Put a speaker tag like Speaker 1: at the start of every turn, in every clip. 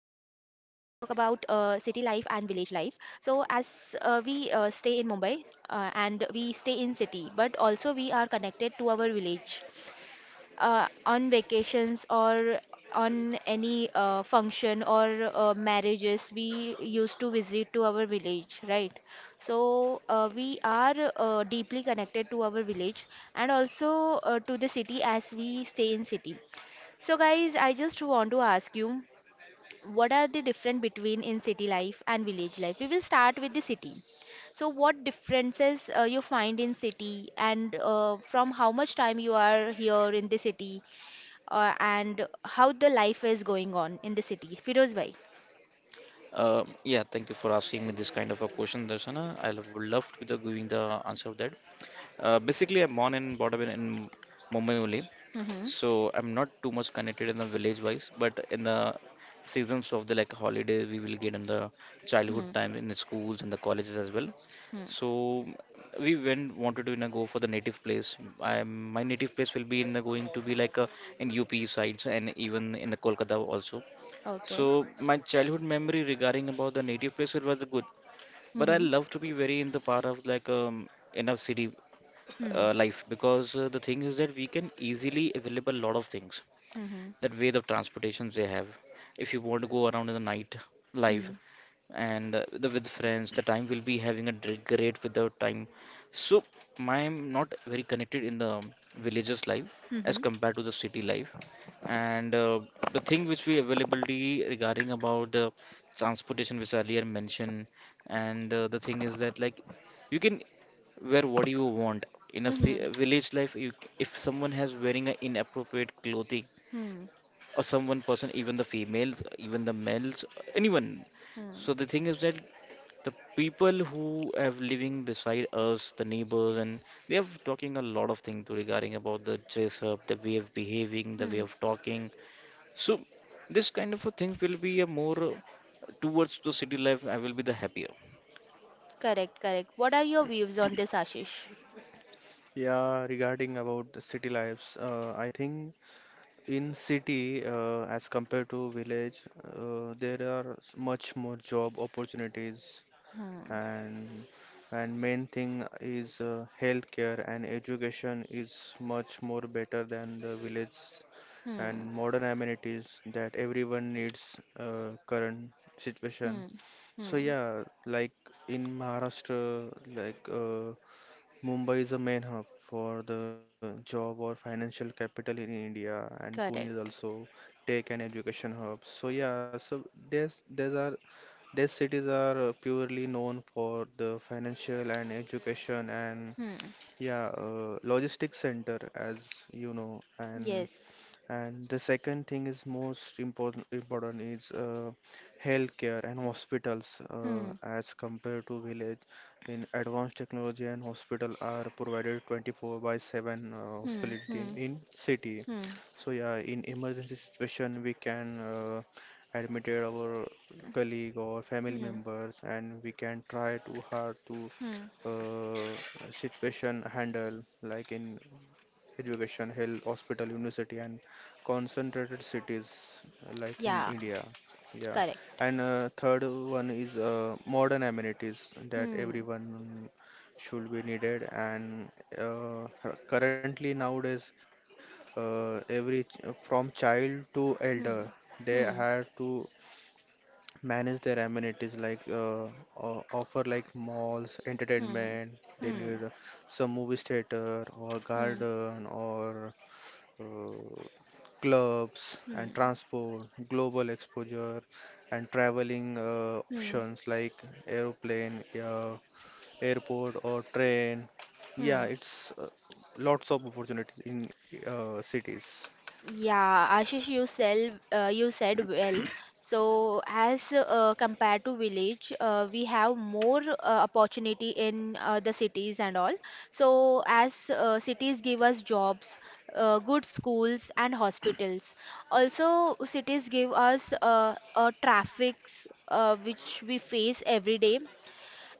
Speaker 1: city life and village life. So as we stay in Mumbai, and we stay in city, but also we are connected to our village on vacations or on any function or marriages, we used to visit to our village, right? So we are deeply connected to our village, and also to the city as we stay in city. So guys, I just want to ask you, what are the difference between in city life and village life? We will start with the city. So what differences you find in city, and from how much time you are here in the city, and how the life is going on in the city? Firoz bhai.
Speaker 2: Yeah, Thank you for asking me this kind of a question, Darshana. Would love to the giving the answer of that. Basically, I'm born and brought up in Mumbai only,
Speaker 1: Mm-hmm.
Speaker 2: so I'm not too much connected in the village wise. But in the seasons of the like holiday, we will get in the
Speaker 1: Hmm.
Speaker 2: childhood time in the schools and the colleges as well.
Speaker 1: Hmm.
Speaker 2: So we went wanted to go for the native place. I My native place will be in the, going to be like in UP sides and even in the Kolkata also.
Speaker 1: Okay.
Speaker 2: So my childhood memory regarding about the native place it was good, but I
Speaker 1: Mm-hmm.
Speaker 2: love to be very in the part of like in a city
Speaker 1: Hmm.
Speaker 2: life because the thing is that we can easily available lot of things,
Speaker 1: Hmm.
Speaker 2: that way of transportations they have, if you want to go around in the night live,
Speaker 1: Hmm.
Speaker 2: and the with friends the time will be having a great with the time. So I'm not very connected in the villages life as
Speaker 1: Hmm.
Speaker 2: compared to the city life. And the thing which we availability regarding about the transportation which earlier mentioned, and the thing is that like you can wear what you want. In a
Speaker 1: Hmm.
Speaker 2: village life, you, if someone has wearing an inappropriate clothing
Speaker 1: Hmm.
Speaker 2: or some one person, even the females, even the males, anyone.
Speaker 1: Hmm.
Speaker 2: So the thing is that the people who have living beside us, the neighbors, and they have talking a lot of things regarding about the dress up, the way of behaving, the way
Speaker 1: Hmm.
Speaker 2: of talking. So this kind of a thing will be a more towards the city life. I will be the happier.
Speaker 1: Correct. Correct. What are your views on this, Ashish?
Speaker 3: Yeah, regarding about the city lives, I think in city, as compared to village, there are much more job opportunities,
Speaker 1: Hmm.
Speaker 3: and main thing is healthcare and education is much more better than the village, and
Speaker 1: Hmm.
Speaker 3: modern amenities that everyone needs current situation.
Speaker 1: Hmm.
Speaker 3: So
Speaker 1: Hmm.
Speaker 3: yeah, like in Maharashtra, like. Mumbai is a main hub for the job or financial capital in India, and Pune is
Speaker 1: Correct.
Speaker 3: also tech and education hub. So yeah, so there's are these cities are purely known for the financial and education. And
Speaker 1: Hmm.
Speaker 3: yeah, logistics center as you know. And.
Speaker 1: Yes.
Speaker 3: And the second thing is most important is healthcare and hospitals
Speaker 1: Hmm.
Speaker 3: as compared to village. In advanced technology and hospital are provided 24 by 7
Speaker 1: Hmm.
Speaker 3: hospitality
Speaker 1: Hmm.
Speaker 3: in city.
Speaker 1: Hmm.
Speaker 3: So yeah, in emergency situation we can admit our colleague or family
Speaker 1: Hmm.
Speaker 3: members, and we can try to hard to
Speaker 1: Hmm.
Speaker 3: uh, situation handle like in education, health, hospital, university, and concentrated cities like in
Speaker 1: Yeah.
Speaker 3: India. Yeah,
Speaker 1: Correct.
Speaker 3: and third one is modern amenities that
Speaker 1: Hmm.
Speaker 3: everyone should be needed. And currently nowadays, every from child to elder,
Speaker 1: Hmm.
Speaker 3: they
Speaker 1: Hmm.
Speaker 3: have to manage their amenities like offer like malls,
Speaker 1: Hmm.
Speaker 3: entertainment. They
Speaker 1: Hmm.
Speaker 3: need some movie theater or
Speaker 1: Hmm.
Speaker 3: garden or uh, clubs and
Speaker 1: Hmm.
Speaker 3: transport, global exposure, and traveling
Speaker 1: Hmm.
Speaker 3: options like aeroplane, airport, or train. Yeah,
Speaker 1: Hmm.
Speaker 3: it's lots of opportunities in cities.
Speaker 1: Yeah, Ashish, you said well. So, as compared to village, we have more opportunity in the cities and all. So, as cities give us jobs, good schools and hospitals. Also, cities give us traffics, which we face every day,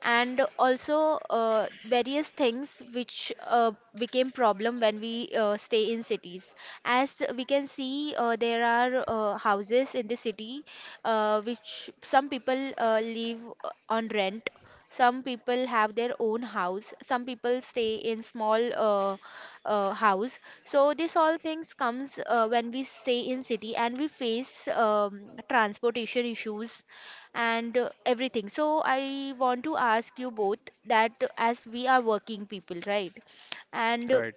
Speaker 1: and also various things which became problem when we stay in cities, as we can see, there are houses in the city which some people live on rent, some people have their own house, some people stay in small house, so this all things comes when we stay in city, and we face transportation issues and everything. So I want to ask you both, that as we are working people, right? And
Speaker 3: Right.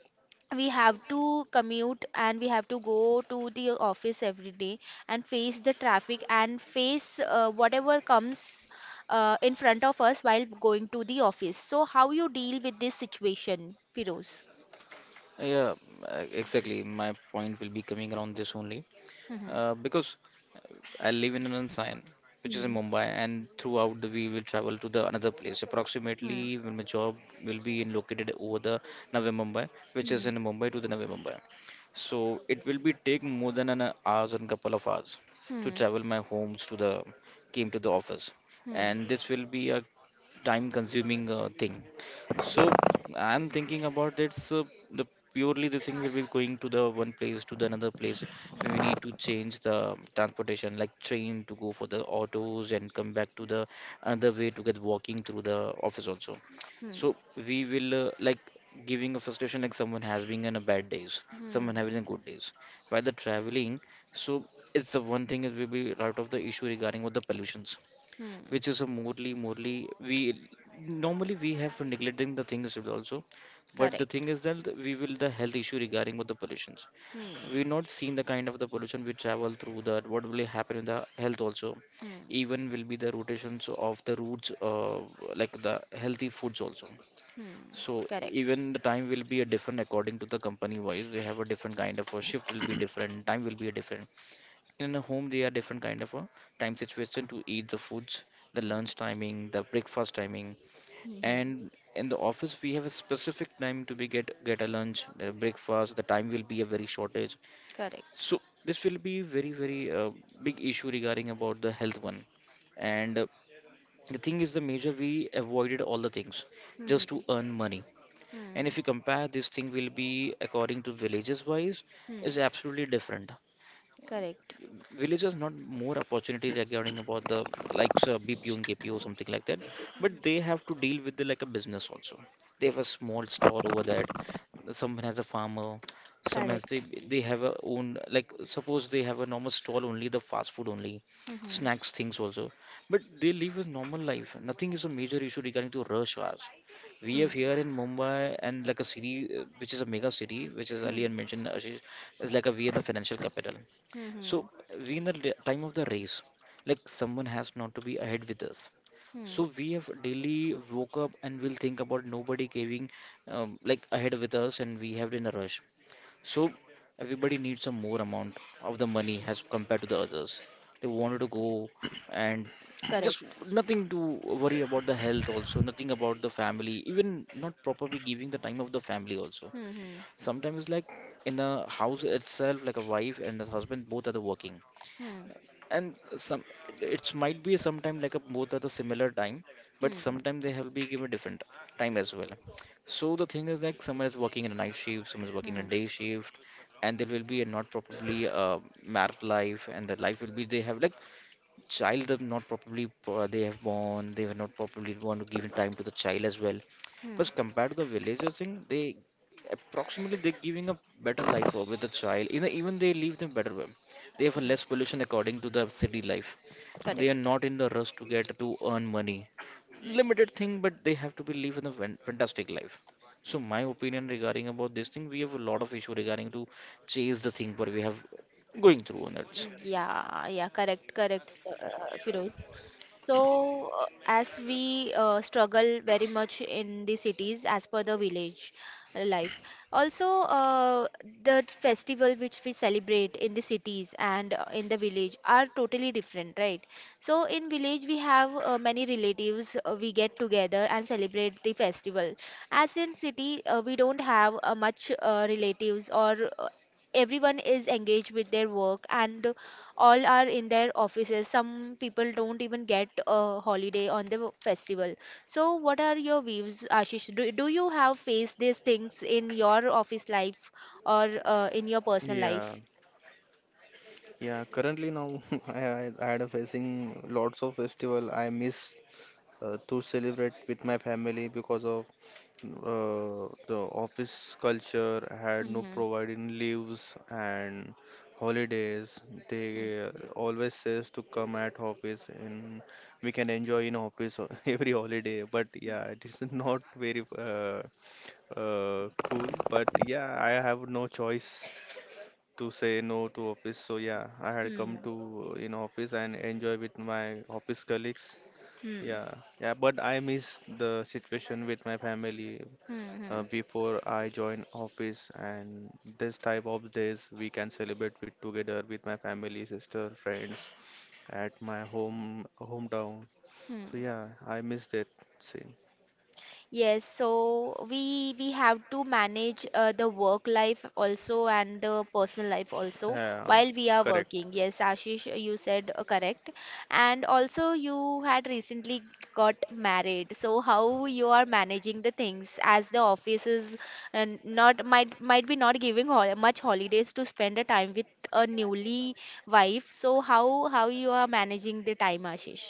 Speaker 1: we have to commute and we have to go to the office every day, and face the traffic and face whatever comes in front of us while going to the office. So how you deal with this situation, Firoz?
Speaker 2: Yeah, exactly. My point will be coming around this only.
Speaker 1: Hmm.
Speaker 2: Because I live in an Anandsayan, which is in
Speaker 1: Hmm.
Speaker 2: Mumbai, and throughout the we will travel to the another place. Approximately, when my job will be in located over the Navi Mumbai, which is
Speaker 1: Hmm.
Speaker 2: in Mumbai to the Navi Mumbai. So it will be take more than an hours and couple of hours to
Speaker 1: Hmm.
Speaker 2: travel my homes to the came to the office,
Speaker 1: Hmm. Hmm.
Speaker 2: and this will be a time consuming thing. So I'm thinking about it. So the purely the thing will be going to the one place to the another place. We need to change the transportation, like train to go for the autos and come back to the another way to get walking through the office also.
Speaker 1: Hmm.
Speaker 2: So we will like giving a frustration like someone has been in a bad days,
Speaker 1: Hmm.
Speaker 2: someone having a good days. While the traveling, so it's the one thing is will be out of the issue regarding with the pollutions,
Speaker 1: Hmm.
Speaker 2: which is a morally we normally we have for neglecting the things also, but the thing
Speaker 1: Correct.
Speaker 2: is that we will the health issue regarding with the pollutions.
Speaker 1: Hmm.
Speaker 2: We've not seen the kind of the pollution we travel through, that what will happen in the health also,
Speaker 1: Hmm.
Speaker 2: even will be the rotations of the roots like the healthy foods also.
Speaker 1: Hmm.
Speaker 2: So
Speaker 1: Correct.
Speaker 2: even the time will be a different according to the company wise, they have a different kind of a shift, will be different, time will be a different. In a home they are different kind of a time situation to eat the foods, the
Speaker 1: Hmm.
Speaker 2: lunch timing, the breakfast timing,
Speaker 1: Hmm.
Speaker 2: and in the office we have a specific time to be get a lunch, the breakfast the time will be a very shortage.
Speaker 1: Correct.
Speaker 2: So this will be very very big issue regarding about the health one. And the thing is the major we avoided all the things just
Speaker 1: Hmm.
Speaker 2: to earn money. And
Speaker 1: Hmm.
Speaker 2: if you compare this thing will be according to villages wise,
Speaker 1: Hmm.
Speaker 2: is absolutely different.
Speaker 1: Correct.
Speaker 2: Villagers not more opportunity regarding about the like BPO and KPO something like that, but they have to deal with the, like a business also. They have a small store over that. Someone has a farmer. Some else they
Speaker 1: Correct.
Speaker 2: they have a own, like suppose they have a normal stall only, the fast food only,
Speaker 1: Hmm.
Speaker 2: snacks things also. But they live a normal life. Nothing is a major issue regarding to rush hours. We
Speaker 1: Hmm.
Speaker 2: have here in Mumbai and like a city, which is a mega city, which is
Speaker 1: Hmm.
Speaker 2: earlier mentioned, Ashish, is like a we in the financial capital.
Speaker 1: Hmm. Hmm.
Speaker 2: So we in the time of the race, like someone has not to be ahead with us.
Speaker 1: Hmm.
Speaker 2: So we have daily woke up and will think about nobody giving like ahead with us and we have in a rush. So everybody needs a more amount of the money as compared to the others. They wanted to go and just
Speaker 1: Correct.
Speaker 2: nothing to worry about the health also, nothing about the family, even not properly giving the time of the family also.
Speaker 1: Hmm.
Speaker 2: Sometimes like in a house itself, like a wife and the husband both are the working,
Speaker 1: Hmm.
Speaker 2: and some it might be sometime like a both at the similar time, but
Speaker 1: Hmm. Hmm.
Speaker 2: sometime they have be given different time as well. So the thing is like someone is working in a night shift, someone is working a
Speaker 1: Hmm.
Speaker 2: day shift, and there will be a not properly married life and the life will be they have like child them not properly they have born, they were not properly born to giving time to the child as well.
Speaker 1: Hmm.
Speaker 2: But compared to the villagers thing, they approximately they're giving a better life with the child, you know, even they live them better way. They have a less pollution according to the city life. They
Speaker 1: Correct.
Speaker 2: are not in the rush to get to earn money, limited thing, but they have to be live in a fantastic life. So my opinion regarding about this thing, we have a lot of issue regarding to chase the thing what we have going through on it.
Speaker 1: Yeah, yeah, correct, correct, Firoz. So, as we struggle very much in the cities as per the village life, also the festival which we celebrate in the cities and in the village are totally different, right? So, in village, we have many relatives, we get together and celebrate the festival. As in city, we don't have much relatives, or everyone is engaged with their work, and all are in their offices, some people don't even get a holiday on the festival. So what are your views, Ashish? Do you have faced these things in your office life, or in your personal
Speaker 3: Yeah,
Speaker 1: life?
Speaker 3: yeah. Currently now, I had a facing lots of festival I miss to celebrate with my family because of the office culture had no
Speaker 1: Hmm.
Speaker 3: providing leaves and holidays. They
Speaker 1: Hmm.
Speaker 3: always says to come at office and we can enjoy in office every holiday. But yeah, it is not very cool. But yeah, I have no choice to say no to office. So yeah, I had come
Speaker 1: Hmm.
Speaker 3: to in office and enjoy with my office colleagues,
Speaker 1: Hmm.
Speaker 3: yeah, yeah, but I miss the situation with my family
Speaker 1: Hmm. Hmm. Hmm.
Speaker 3: before I join office, and this type of days we can celebrate with together with my family, sister, friends at my home hometown. So
Speaker 1: Hmm.
Speaker 3: yeah, I miss that scene.
Speaker 1: Yes, so we have to manage the work life also and the personal life also
Speaker 3: Yeah,
Speaker 1: while we are
Speaker 3: correct.
Speaker 1: working. Yes, Ashish, you said correct. And also you had recently got married. So how you are managing the things, as the office is not might be not giving hol much holidays to spend a time with a newly wife. So how you are managing the time, Ashish?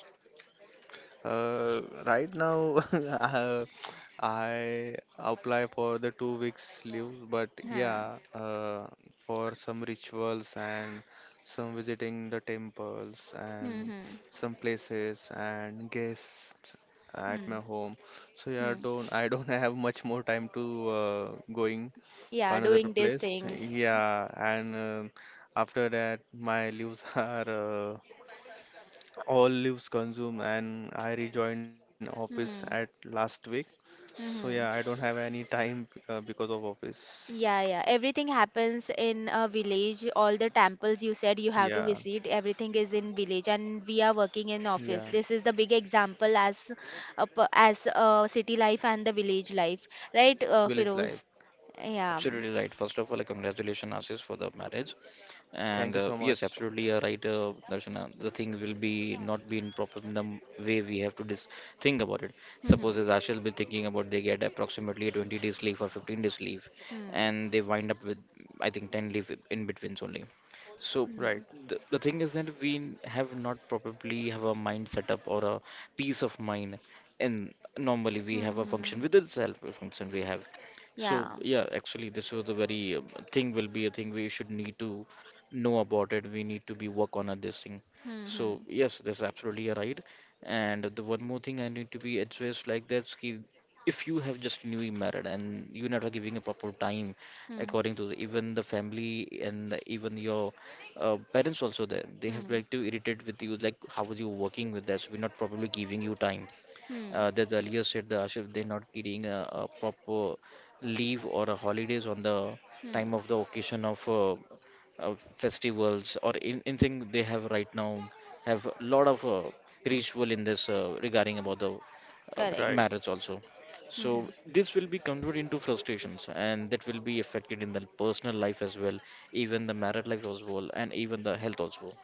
Speaker 3: Right now, I apply for the 2 weeks leave, but
Speaker 1: Huh.
Speaker 3: yeah, for some rituals and some visiting the temples
Speaker 1: Hmm.
Speaker 3: and
Speaker 1: Hmm.
Speaker 3: some places and guests at
Speaker 1: Hmm.
Speaker 3: my home. So yeah,
Speaker 1: Hmm.
Speaker 3: don't I don't have much more time to going
Speaker 1: Yeah,
Speaker 3: another
Speaker 1: doing these
Speaker 3: place.
Speaker 1: things.
Speaker 3: Yeah, and after that, my leaves are all leaves consumed, and I rejoined office at
Speaker 1: Hmm.
Speaker 3: last week. So yeah, I
Speaker 1: Hmm.
Speaker 3: don't have any time because of office.
Speaker 1: Yeah, yeah, everything happens in a village, all the temples you said you
Speaker 3: Yeah,
Speaker 1: have to visit, everything is in village and we are working in
Speaker 3: yeah,
Speaker 1: office. This is the big example as a city life and the village life, right?
Speaker 3: village life.
Speaker 1: Firoz.
Speaker 2: Yeah,
Speaker 1: Yeah.
Speaker 2: absolutely right. First of all, like, congratulations, Ashish, for the marriage. And
Speaker 3: Thank you so
Speaker 2: yes,
Speaker 3: much.
Speaker 2: absolutely, you're right, Darshana. The thing will be not be in proper num way we have to dis think about it.
Speaker 1: Hmm.
Speaker 2: Suppose as Ashish will be thinking about they get approximately 20 days leave or 15 days leave,
Speaker 1: Hmm.
Speaker 2: and they wind up with I think 10 leave in betweens only. So
Speaker 1: Hmm.
Speaker 3: Right,
Speaker 2: the thing is that we have not probably have a mind set up or a peace of mind, and normally we
Speaker 1: Hmm.
Speaker 2: have a
Speaker 1: Hmm.
Speaker 2: function
Speaker 1: Hmm.
Speaker 2: within self a function we have. So
Speaker 1: Yeah.
Speaker 2: yeah, actually, this was a very thing will be a thing we should need to know about it. We need to be work on this thing.
Speaker 1: Hmm. Hmm.
Speaker 2: So yes, that's absolutely a right. And the one more thing I need to be addressed, like that's ki, if you have just newly married and you're not giving a proper time
Speaker 1: Hmm.
Speaker 2: according to the, even the family and even your parents also, there they have
Speaker 1: Hmm.
Speaker 2: like to irritate with you like how are you working with that, so we're not probably giving you time,
Speaker 1: Hmm.
Speaker 2: that earlier said the Ashif they're not getting a proper leave or a holidays on the
Speaker 1: Hmm.
Speaker 2: time of the occasion of festivals or anything they have right now, have a lot of ritual in this regarding about the
Speaker 1: Correct.
Speaker 3: right,
Speaker 2: marriage also.
Speaker 1: Hmm. Hmm.
Speaker 2: So this will be converted into frustrations and that will be affected in the personal life as well, even the married life as well, and even the health also.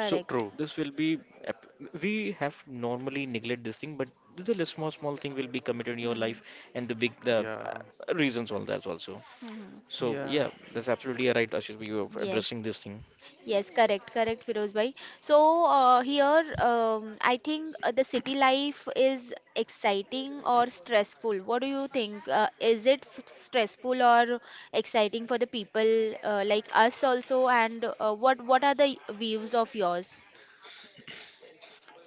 Speaker 2: So
Speaker 3: true.
Speaker 2: this will be ap- we have normally neglect this thing, but the little small thing will be committed in your
Speaker 1: Hmm.
Speaker 2: life, and the big the
Speaker 3: Yeah,
Speaker 2: reasons all that also.
Speaker 1: Hmm. Hmm.
Speaker 2: So yeah,
Speaker 3: yeah,
Speaker 2: that's absolutely right, Ashish. You are addressing this
Speaker 1: Yes,
Speaker 2: thing.
Speaker 1: yes, correct, correct, Firoz bhai. So here, I think the city life is exciting or stressful. What do you think? Is it stressful or exciting for the people like us also? And what are the views of yours?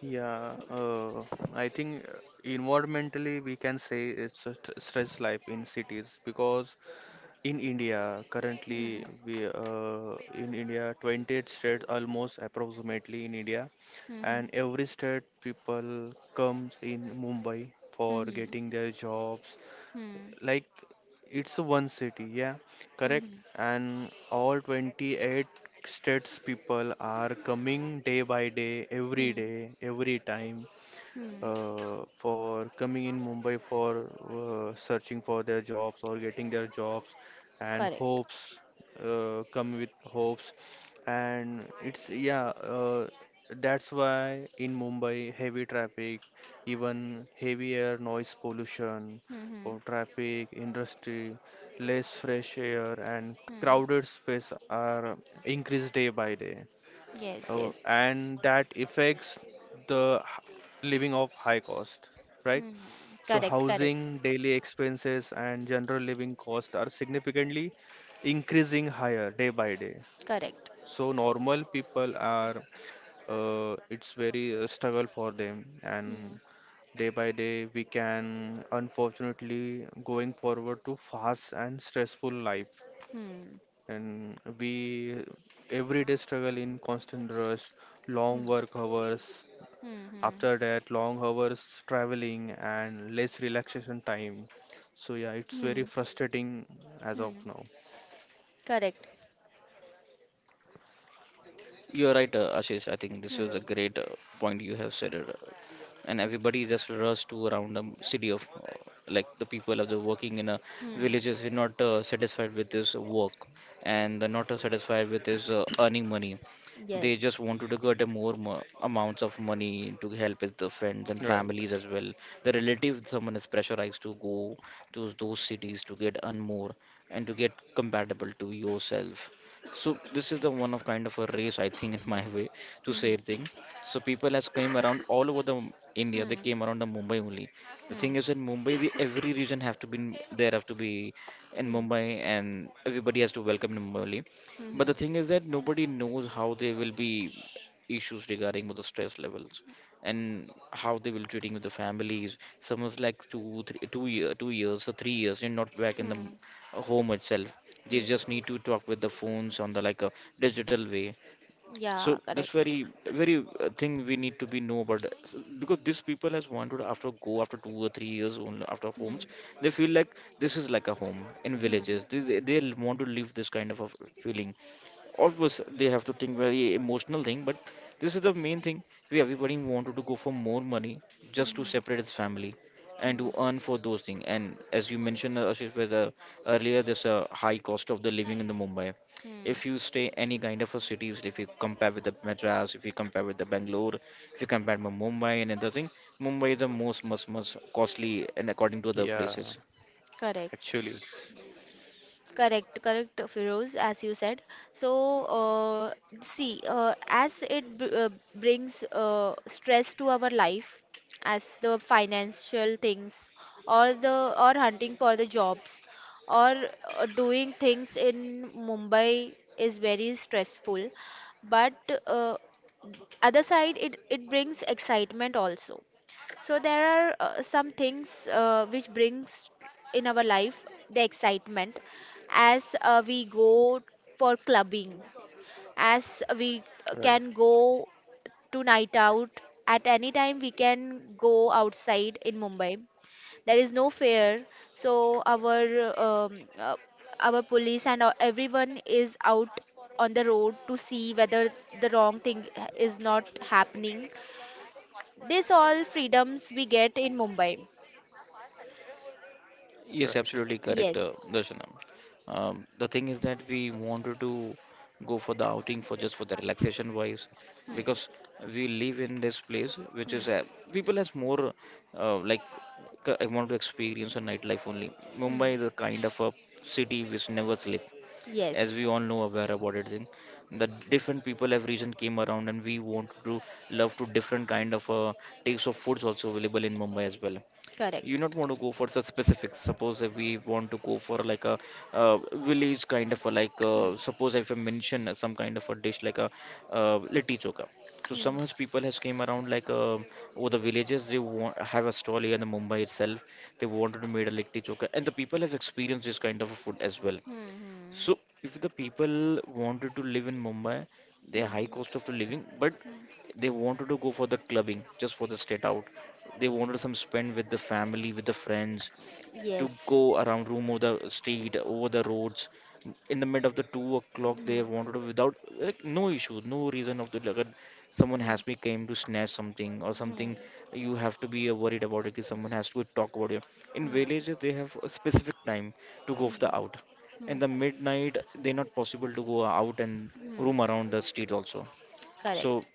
Speaker 3: yeah. I think environmentally we can say it's a stress life in cities, because in India, currently
Speaker 1: Hmm.
Speaker 3: we in India 28 states almost approximately in India,
Speaker 1: Hmm.
Speaker 3: and every state people comes in Mumbai for
Speaker 1: Hmm.
Speaker 3: getting their jobs.
Speaker 1: Hmm.
Speaker 3: Like it's one city, yeah,
Speaker 1: Hmm.
Speaker 3: correct.
Speaker 1: Hmm.
Speaker 3: And all 28 states people are coming day by
Speaker 1: Hmm.
Speaker 3: day, every time
Speaker 1: Hmm.
Speaker 3: for coming in Mumbai for searching for their jobs or getting their jobs, and
Speaker 1: Correct.
Speaker 3: hopes come with hopes, and it's yeah. That's why in Mumbai, heavy traffic, even heavy air noise pollution
Speaker 1: Hmm. Hmm.
Speaker 3: for traffic, industry, less fresh air, and
Speaker 1: Hmm.
Speaker 3: crowded space are increased day by day.
Speaker 1: Yes,
Speaker 3: Oh,
Speaker 1: yes.
Speaker 3: and that affects the living of high cost, right?
Speaker 1: Hmm.
Speaker 3: So
Speaker 1: Correct, correct,
Speaker 3: housing, daily expenses, and general living costs are significantly increasing higher day by day.
Speaker 1: correct.
Speaker 3: So normal people are, it's very struggle for them, and day by day we can unfortunately going forward to fast and stressful life,
Speaker 1: Hmm.
Speaker 3: and we everyday struggle in constant rush,
Speaker 1: Hmm.
Speaker 3: long work hours.
Speaker 1: Hmm.
Speaker 3: After that, long hours traveling and less relaxation time. So yeah, it's
Speaker 1: Hmm.
Speaker 3: very
Speaker 1: Hmm.
Speaker 3: frustrating as of
Speaker 1: Hmm.
Speaker 3: now.
Speaker 1: Correct.
Speaker 2: You're right, Ashish. I think this
Speaker 1: Hmm.
Speaker 2: is a great point you have said. It, and everybody just rush to around the city of, like the people of the working in a
Speaker 1: Hmm.
Speaker 2: villages is not satisfied with this work, and they're not satisfied with this earning money. They
Speaker 1: Yes.
Speaker 2: just wanted to get a more amounts of money to help with the friends and
Speaker 3: Right.
Speaker 2: families as well. The relative someone is pressurized to go to those cities to get earn more and to get compatible to yourself. So this is the one of kind of a race, I think, in my way to
Speaker 1: Hmm.
Speaker 2: say thing. So people has came around all over the
Speaker 1: Hmm.
Speaker 2: India. They
Speaker 1: Hmm.
Speaker 2: came around the Mumbai only. The
Speaker 1: Hmm.
Speaker 2: thing is in Mumbai, the every region have to be, there have to be in
Speaker 1: Hmm.
Speaker 2: Mumbai, and everybody has to welcome in Mumbai only.
Speaker 1: Hmm.
Speaker 2: But the thing is that nobody knows how they will be issues regarding with the stress levels and how they will treating with the families. Someone's like two, three, 2 year, 2 years or 3 years, you're not back in the
Speaker 1: Hmm.
Speaker 2: home itself. They
Speaker 1: Hmm.
Speaker 2: just need to talk with the phones on the like a digital way. So
Speaker 1: Yeah,
Speaker 2: this
Speaker 1: correct.
Speaker 2: very very thing we need to be know about because these people has wanted after go after 2 or 3 years only after
Speaker 1: Hmm.
Speaker 2: homes. They feel like this is like a home in
Speaker 1: Hmm.
Speaker 2: villages. They want to leave this kind of a feeling. Obviously, they have to think very emotional thing, but this is the main thing. We everybody wanted to go for more money
Speaker 1: Hmm.
Speaker 2: just to
Speaker 1: Hmm.
Speaker 2: separate his family
Speaker 1: Hmm.
Speaker 2: and to earn for those things. And as you mentioned, Ashish, earlier, there's a high cost of the living in the Mumbai.
Speaker 1: Hmm.
Speaker 2: If you stay any kind of a cities, if you compare with the Madras, if you compare with the Bangalore, if you compare with Mumbai and other thing, Mumbai is the most, most, most costly and according to other
Speaker 3: Yeah,
Speaker 2: places.
Speaker 1: Correct.
Speaker 3: actually.
Speaker 1: Correct, correct, Feroz, as you said. So, uh, see, as it b brings stress to our life, as the financial things, or the or hunting for the jobs, or doing things in Mumbai is very stressful. But uh, other side, it brings excitement also, so there are some things which brings in our life the excitement, as we go for clubbing, as we
Speaker 3: Right,
Speaker 1: can go to night out, at any time we can go outside in Mumbai. There is no fear, so uh, our police and everyone is out on the road to see whether the wrong thing is not happening. This all freedoms we get in Mumbai.
Speaker 2: Yes,
Speaker 3: right,
Speaker 2: absolutely correct,
Speaker 1: Yes.
Speaker 2: Darshanam. The thing is that we wanted to go for the outing for just for the relaxation wise
Speaker 1: Hmm.
Speaker 2: because we live in this place which
Speaker 1: Hmm.
Speaker 2: is people has more uh, like I want to experience a nightlife only. Mumbai
Speaker 1: Hmm.
Speaker 2: is a kind of a city which never sleep, as
Speaker 1: Yes.
Speaker 2: we all know aware about it. Thing the different people have region came around and we want to love to different kind of taste of foods also available in Mumbai as well. You
Speaker 1: Correct.
Speaker 2: not want to go for such specifics. Suppose if we want to go for like a uh, village kind of a like
Speaker 1: Hmm.
Speaker 2: suppose if I mention some kind of a dish like a litti chokha, so
Speaker 1: Hmm.
Speaker 2: some has people has came around like over the villages. They want have a stall here in the Mumbai itself. They wanted to made a litti chokha and the people have experienced this kind of a food as well.
Speaker 1: Hmm.
Speaker 2: So if the people wanted to live in Mumbai, their
Speaker 1: Hmm.
Speaker 2: high cost
Speaker 1: Hmm.
Speaker 2: of the living, but
Speaker 1: Hmm.
Speaker 2: they wanted to go for the clubbing, just for the state out. They wanted some spend with the family, with the friends, to
Speaker 1: Yes.
Speaker 2: go around room over the street, over the roads. In the mid of the two o'clock, they
Speaker 1: Hmm.
Speaker 2: wanted to without like no issue, no reason of the like someone
Speaker 1: Hmm.
Speaker 2: has been came to snatch something or something.
Speaker 1: Hmm.
Speaker 2: You have to be worried about it because someone has to talk about it. In
Speaker 1: Hmm.
Speaker 2: villages, they have a specific time to go
Speaker 1: Hmm.
Speaker 2: for the out. In
Speaker 1: Hmm.
Speaker 2: the midnight, they're not possible to go out and
Speaker 1: Hmm.
Speaker 2: roam around the street also.
Speaker 1: Correct.
Speaker 2: So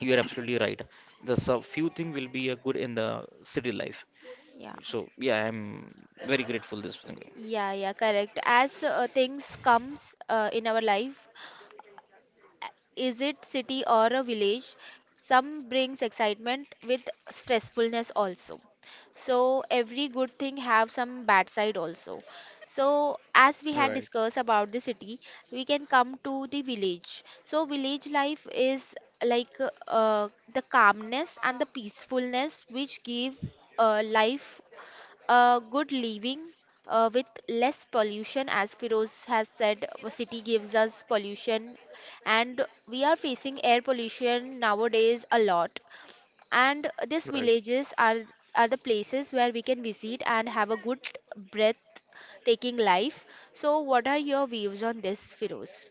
Speaker 2: you are absolutely right. The sub few thing will be good in the city life.
Speaker 1: Yeah.
Speaker 2: So yeah, I'm very grateful this thing.
Speaker 1: Yeah, yeah, correct. As things comes in our life, is it city or a village? Some brings excitement with stressfulness also. So every good thing have some bad side also. So as we
Speaker 3: right,
Speaker 1: had discussed about the city, we can come to the village. So village life is like the calmness and the peacefulness, which give life a good living with less pollution. As Firoz has said, city gives us pollution, and we are facing air pollution nowadays a lot, and these
Speaker 3: right.
Speaker 1: villages are the places where we can visit and have a good breath taking life. So what are your views on this, Firoz?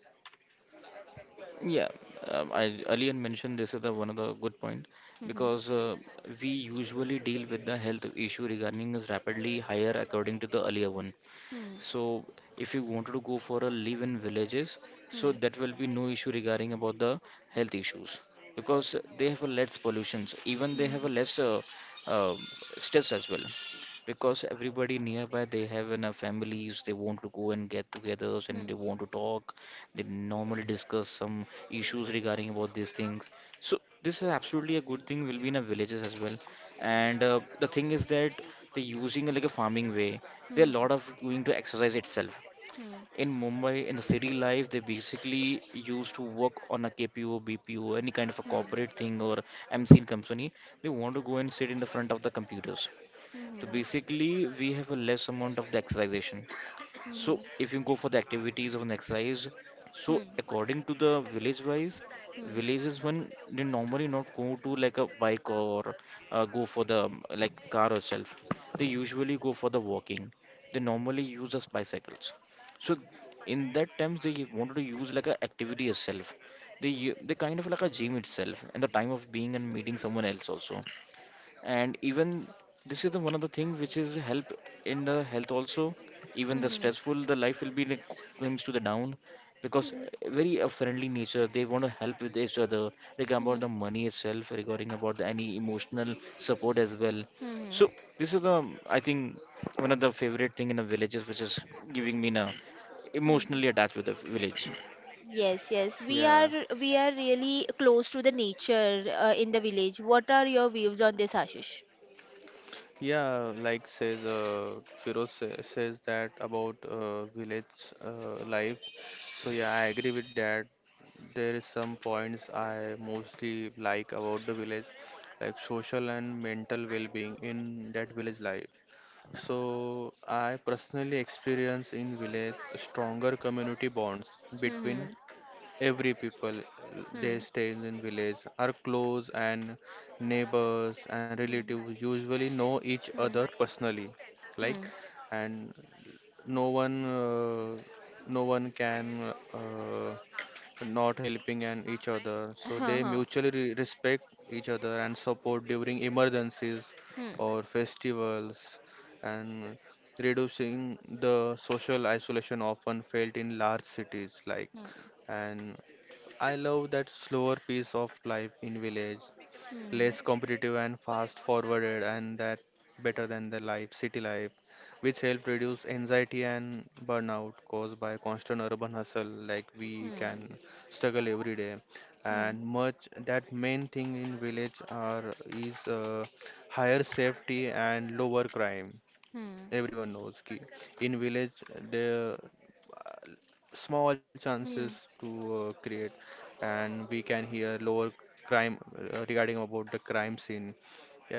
Speaker 2: Yeah, I earlier mentioned this is the one of the good point
Speaker 1: Mhm.
Speaker 2: because we usually deal with the health issue regarding is rapidly higher according to the earlier one.
Speaker 1: Hmm.
Speaker 2: So if you wanted to go for a live-in villages, so
Speaker 1: Hmm.
Speaker 2: that will be no issue regarding about the health issues because they have a less pollutions. Even they have
Speaker 1: Hmm.
Speaker 2: a less uh, stress as well because everybody nearby they have enough families. They want to go and get together and
Speaker 1: Hmm.
Speaker 2: they want to talk. They normally discuss some issues regarding about these things. So this is absolutely a good thing will be in a villages as well. And the thing is that they're using a, like a farming way. There
Speaker 1: Hmm.
Speaker 2: are a lot of going to exercise itself. In Mumbai, in the city life, they basically used to work on a KPO, BPO, any kind of a
Speaker 1: Hmm. Hmm.
Speaker 2: corporate
Speaker 1: Hmm.
Speaker 2: thing or MC in company. They want to go and sit in the front of the computers. So basically, we have a less amount of the exercisation. So
Speaker 1: Hmm.
Speaker 2: if you go for the activities of an exercise, so
Speaker 1: Hmm.
Speaker 2: according to the village wise,
Speaker 1: Hmm.
Speaker 2: villages when they normally not go to like a bike or go for the like car itself. They usually go for the walking. They normally use as bicycles. So in that times they wanted to use like a activity itself. They kind of like a gym itself and the time of being and meeting someone else also. And even this is the one of the thing which is help in the health also. Even
Speaker 1: Hmm.
Speaker 2: the
Speaker 1: Hmm.
Speaker 2: stressful the life will be like comes to the down because
Speaker 1: Hmm,
Speaker 2: very a friendly nature they want to help with each other regarding about
Speaker 1: hmm,
Speaker 2: the money itself, regarding about the, any emotional support as well.
Speaker 1: hmm,
Speaker 2: So this is the I think one of the favorite thing in the villages which is giving me na
Speaker 1: hmm.
Speaker 2: emotionally attached with the village.
Speaker 1: Yes, yes. We
Speaker 3: Yeah,
Speaker 1: are we are really close to the nature in the village. What are your views on this, Ashish?
Speaker 3: yeah, like says Firoz says that about village life. So yeah, I agree with that. There is some points I mostly like about the village, like social and mental well-being in that village life. So I personally experience in village stronger community bonds between
Speaker 1: Hmm,
Speaker 3: every people, they
Speaker 1: hmm,
Speaker 3: stay in village are close, and neighbors and
Speaker 1: hmm,
Speaker 3: relatives usually know each
Speaker 1: hmm,
Speaker 3: other personally,
Speaker 1: hmm,
Speaker 3: like,
Speaker 1: hmm,
Speaker 3: and no one uh, no one can not helping and each other, so
Speaker 1: huh,
Speaker 3: they
Speaker 1: huh,
Speaker 3: mutually respect each other and support during emergencies
Speaker 1: hmm,
Speaker 3: or festivals, and reducing the social isolation often felt in large cities, like.
Speaker 1: hmm, hmm,
Speaker 3: And I love that slower pace of life in village,
Speaker 1: hmm, hmm, hmm,
Speaker 3: less competitive and fast forwarded, and that better than the life city life, which help reduce anxiety and burnout caused by constant urban hustle, like we
Speaker 1: hmm,
Speaker 3: can struggle every day. And much that main thing in village are is higher safety and lower crime, everyone knows ki in village there small chances to create, and we can hear lower crime regarding about the crime scene,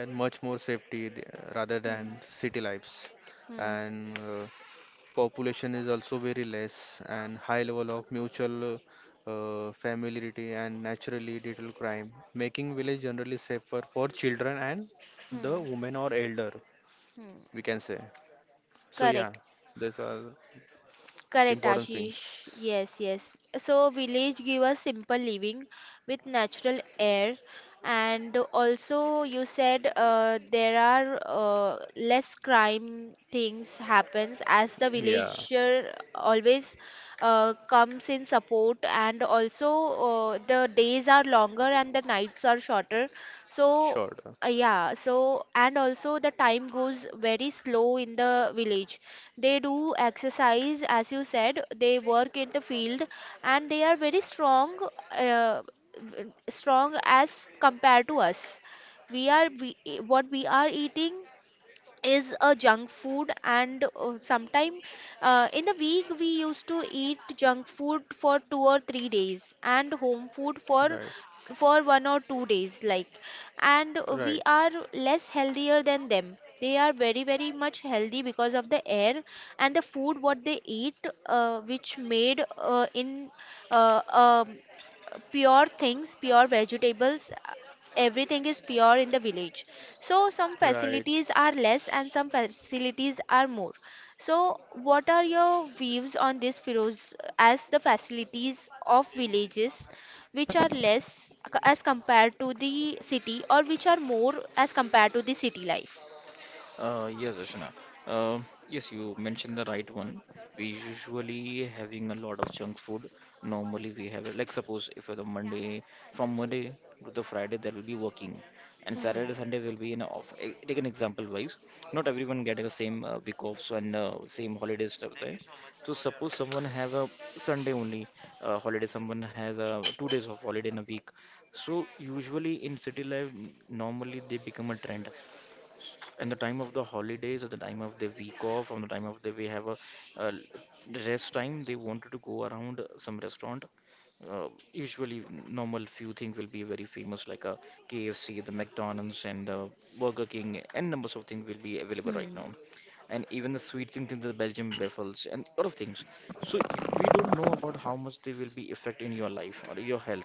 Speaker 3: and much more safety rather
Speaker 1: hmm,
Speaker 3: than city lives.
Speaker 1: hmm,
Speaker 3: And population is also very less and high level of mutual familiarity and naturally little crime making village generally safer for children and the
Speaker 1: hmm,
Speaker 3: women or elder,
Speaker 1: hmm.
Speaker 3: we can say. So yeah,
Speaker 1: Correct,
Speaker 3: these are
Speaker 1: correct,
Speaker 3: important
Speaker 1: Ashish.
Speaker 3: things.
Speaker 1: Yes, yes. So village give us simple living with natural air. And also you said there are less crime things happens as the
Speaker 3: Yeah,
Speaker 1: villager always comes in support. And also the days are longer and the nights are shorter. So
Speaker 3: sure.
Speaker 1: yeah, so and also the time goes very slow in the village. They do exercise, as you said. They work in the field, and they are very strong, uh, strong as compared to us. We are we, e- What we are eating is a junk food, and sometime, in the week, we used to eat junk food for 2 or 3 days, and home food for
Speaker 3: Right,
Speaker 1: for 1 or 2 days like. And
Speaker 3: right,
Speaker 1: we are less healthier than them. They are very very much healthy because of the air and the food what they eat, which made in uh, um, pure things, pure vegetables, everything is pure in the village. So some
Speaker 3: right.
Speaker 1: facilities are less and some facilities are more. So what are your views on this, Firoz, as the facilities of villages, which are less as compared to the city, or which are more as compared to the city life?
Speaker 2: Yes, Rachana. Yes, you mentioned the right one. We usually having a lot of junk food. Normally we have like suppose if the Monday from Monday to the Friday there will be working, and
Speaker 1: Hmm.
Speaker 2: Saturday Sunday will be in a off. Eh, take an example wise. Not everyone get the same week offs and same holidays stuff there. So suppose someone have a Sunday only holiday. Someone has a 2 days of holiday in a week. So usually in city life, normally they become a trend in the time of the holidays or the time of the week off on the time of the we have a, uh rest time. They wanted to go around some restaurant, uh, usually normal few things will be very famous like a KFC, the McDonald's, and Burger King, and numbers of things will be available right now,
Speaker 1: Hmm.
Speaker 2: and even the sweet thing, the Belgian waffles, and a lot of things. So you, we don't know about how much they will be effect in your life or your health.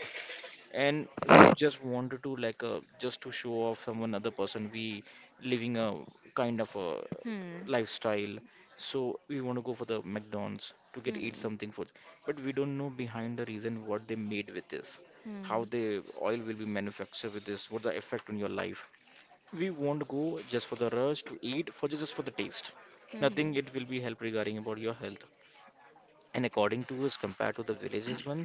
Speaker 2: And we just wanted to like just to show off someone other person we living a kind of
Speaker 1: Hmm.
Speaker 2: a lifestyle. So we want to go for the McDonald's to get eat
Speaker 1: Hmm.
Speaker 2: something food, but we don't know behind the reason what they made with this, how
Speaker 1: Hmm.
Speaker 2: the oil will be manufactured with this, what the effect on your life. We won't go just for the rush to eat for just for the taste.
Speaker 1: Hmm.
Speaker 2: Nothing it will be help regarding about your health. And according to us compared to the villages one,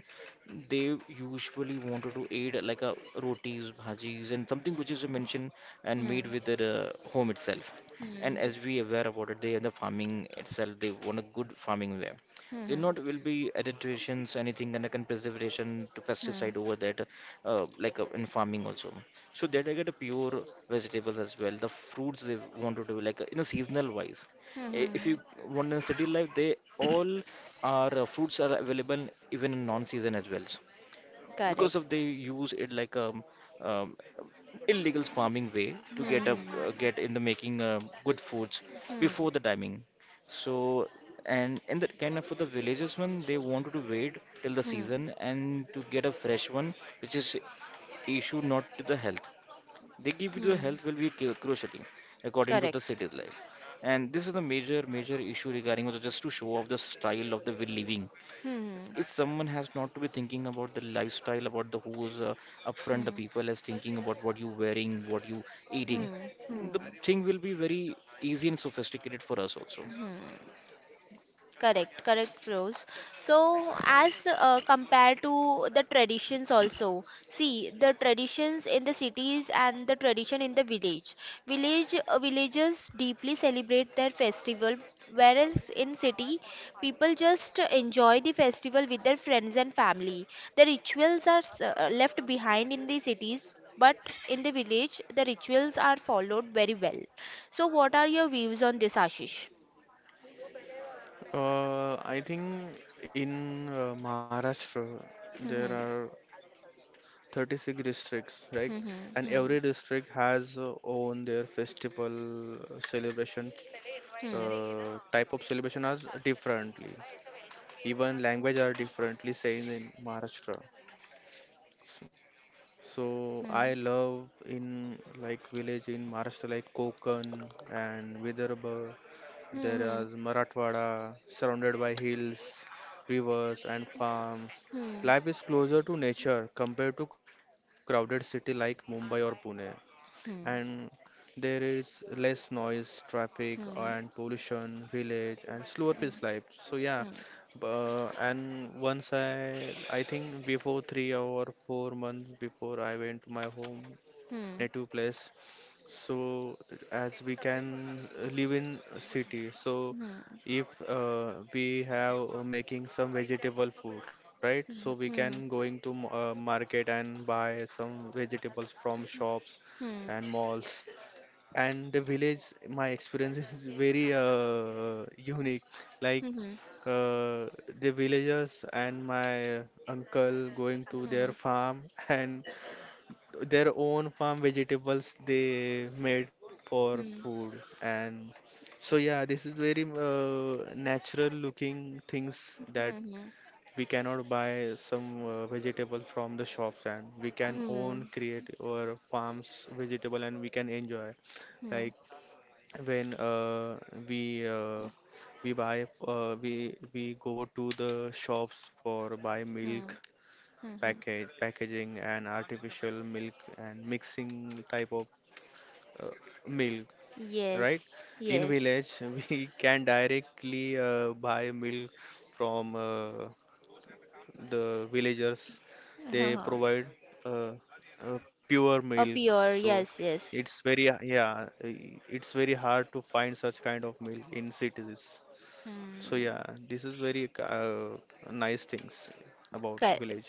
Speaker 2: they usually wanted to aid like a rotis bhajis and something which is mentioned and
Speaker 1: Hmm.
Speaker 2: made with their home itself. And
Speaker 1: Hmm.
Speaker 2: as we aware about it they are the farming itself. They want a good farming way. They
Speaker 1: Hmm.
Speaker 2: not will be adulterations anything and can preservation to
Speaker 1: Hmm.
Speaker 2: pesticide over that, in farming also. So that I get a pure vegetables as well. The fruits they want to do like you know, seasonal wise. If
Speaker 1: Hmm.
Speaker 2: you want a city life, they all are fruits are available even in non-season as well. Because
Speaker 1: Correct.
Speaker 2: of they use it like a um, illegal farming way to get up
Speaker 1: Hmm.
Speaker 2: get in the making good foods
Speaker 1: Hmm.
Speaker 2: before the timing. So and in that kind of for the villages one, they wanted to wait till the
Speaker 1: Hmm.
Speaker 2: season and to get a fresh one, which is issue not to the health. They give you the
Speaker 1: Hmm.
Speaker 2: health will be crucial according to the
Speaker 1: Correct.
Speaker 2: city's life. And this is the major major issue regarding also just to show off the style of the will living.
Speaker 1: Hmm.
Speaker 2: If someone has not to be thinking about the lifestyle about the who's upfront, the
Speaker 1: Hmm.
Speaker 2: people is thinking about what you wearing, what you eating,
Speaker 1: Hmm.
Speaker 2: the
Speaker 1: Hmm.
Speaker 2: thing will be very easy and sophisticated for us also.
Speaker 1: Hmm. Correct, correct, Firoz. So, as compared to the traditions, also, see the traditions in the cities and the tradition in the village. Villagers deeply celebrate their festival, whereas in city, people just enjoy the festival with their friends and family. The rituals are left behind in the cities, but in the village, the rituals are followed very well. So, what are your views on this, Ashish?
Speaker 3: I think in Maharashtra there are 36
Speaker 1: Mhm, mhm, mhm, mhm, mhm, mhm, mhm, mhm, mhm, mhm, mhm, mhm, mhm, mhm,
Speaker 3: districts,
Speaker 1: mhm,
Speaker 3: right?
Speaker 1: mhm, mhm,
Speaker 3: And every district has own their festival celebration. Type of celebration are differently. Even language are differently saying in Maharashtra. So I love in like village in Maharashtra like Konkan and Vidarbha. There is Marathwada surrounded by hills, rivers and farms. Life is closer to nature compared to crowded city like Mumbai or Pune, and there is less noise, traffic, and pollution, village, and slower pace life. So yeah, and once I think before 3 or 4 months before, I went to my home native place. So as we can live in a city, so if we have making some vegetable food, right, so we can
Speaker 1: mhm,
Speaker 3: going to market and buy some vegetables from shops and malls. And the village, my experience is very unique, like uh, the villagers and my uncle going to their farm and their own farm vegetables they made for food. And so yeah, this is very natural looking things, that
Speaker 1: mhm,
Speaker 3: we cannot buy some vegetable from the shops, and we can own create our farms vegetable and we can enjoy.
Speaker 1: mhm, mhm,
Speaker 3: Like when we uh, we buy we go to the shops for buy milk,
Speaker 1: mhm.
Speaker 3: package packaging and artificial milk and mixing type of milk, right.
Speaker 1: Yes,
Speaker 3: In
Speaker 1: yes.
Speaker 3: village we can directly buy milk from the villagers. They
Speaker 1: Uh-huh.
Speaker 3: provide uh, pure milk.
Speaker 1: Up
Speaker 3: So
Speaker 1: your, yes,
Speaker 3: it's
Speaker 1: yes.
Speaker 3: very, yeah, it's very hard to find such kind of milk in cities. So yeah,
Speaker 1: Hmm.
Speaker 3: this is very uh, nice things about
Speaker 1: Cor-
Speaker 3: village.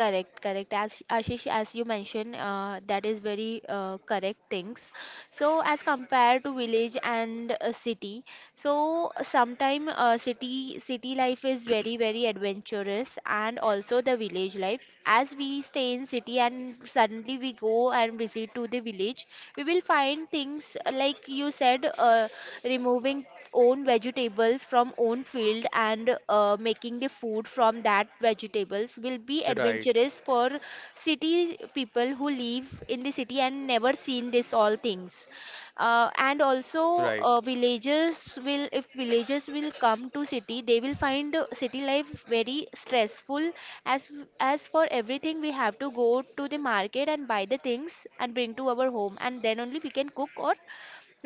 Speaker 1: Correct, correct. As Ashish, as you mentioned, that is very correct things. So, as compared to village and a city, so sometime city life is very very adventurous, and also the village life. As we stay in city and suddenly we go and visit to the village, we will find things like you said, removing own vegetables from own field and making the food from that vegetables will be
Speaker 3: Right,
Speaker 1: adventurous for city people who live in the city and never seen this all things. And
Speaker 3: right.
Speaker 1: also villagers will if villagers will come to city, they will find city life very stressful, as f- as for everything we have to go to the market and buy the things and bring to our home, and then only we can cook or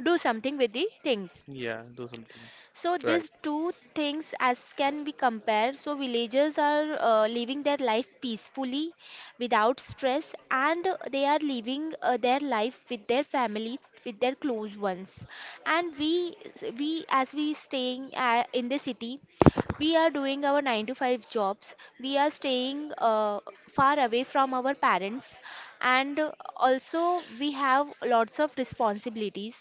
Speaker 1: do something with the things.
Speaker 3: Yeah, do something.
Speaker 1: So
Speaker 3: Right.
Speaker 1: these two things as can be compared. So villagers are living their life peacefully, without stress, and they are living their life with their family, with their close ones. And we as we staying in the city, we are doing our 9 to 5 jobs. We are staying far away from our parents, and also we have lots of responsibilities.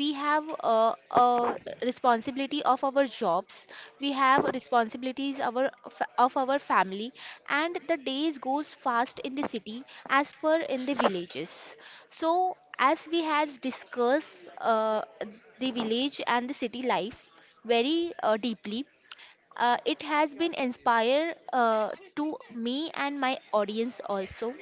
Speaker 1: We have a responsibility of our jobs. We have responsibilities of our family. And the days goes fast in the city as per in the villages. So as we has discussed the village and the city life very deeply, it has been inspired to me and my audience also.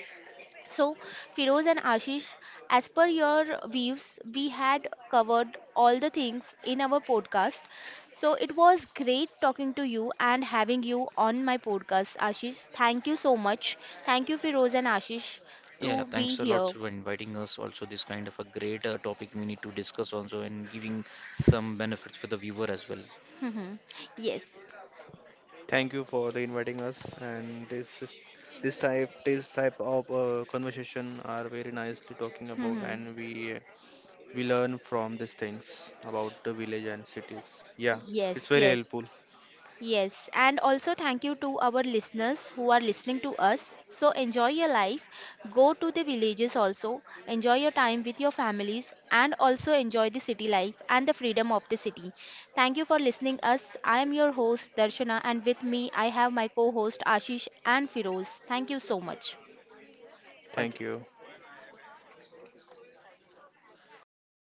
Speaker 1: So, Firoz and Ashish, as per your views, we had covered all the things in our podcast. So, it was great talking to you and having you on my podcast, Ashish. Thank you so much. Thank you, Firoz and Ashish,
Speaker 2: Yeah, yeah,
Speaker 1: to be
Speaker 2: thanks a lot
Speaker 1: here.
Speaker 2: for inviting us. Also, this kind of a great topic we need to discuss also and giving some benefits for the viewer as well.
Speaker 1: Yes. Yes.
Speaker 3: Thank you for the inviting us, and this type of conversation are very nicely talking about,
Speaker 1: Mhm.
Speaker 3: and we learn from these things about the village and cities. Yeah, it's
Speaker 1: Yes,
Speaker 3: very
Speaker 1: yes.
Speaker 3: helpful.
Speaker 1: Yes, and also thank you to our listeners who are listening to us. So enjoy your life, go to the villages also, enjoy your time with your families, and also enjoy the city life and the freedom of the city. Thank you for listening us. I am your host Darshana and with me I have my co-host Ashish and Firoz. Thank you so much.
Speaker 3: Thank
Speaker 2: Thank
Speaker 3: you.
Speaker 2: you.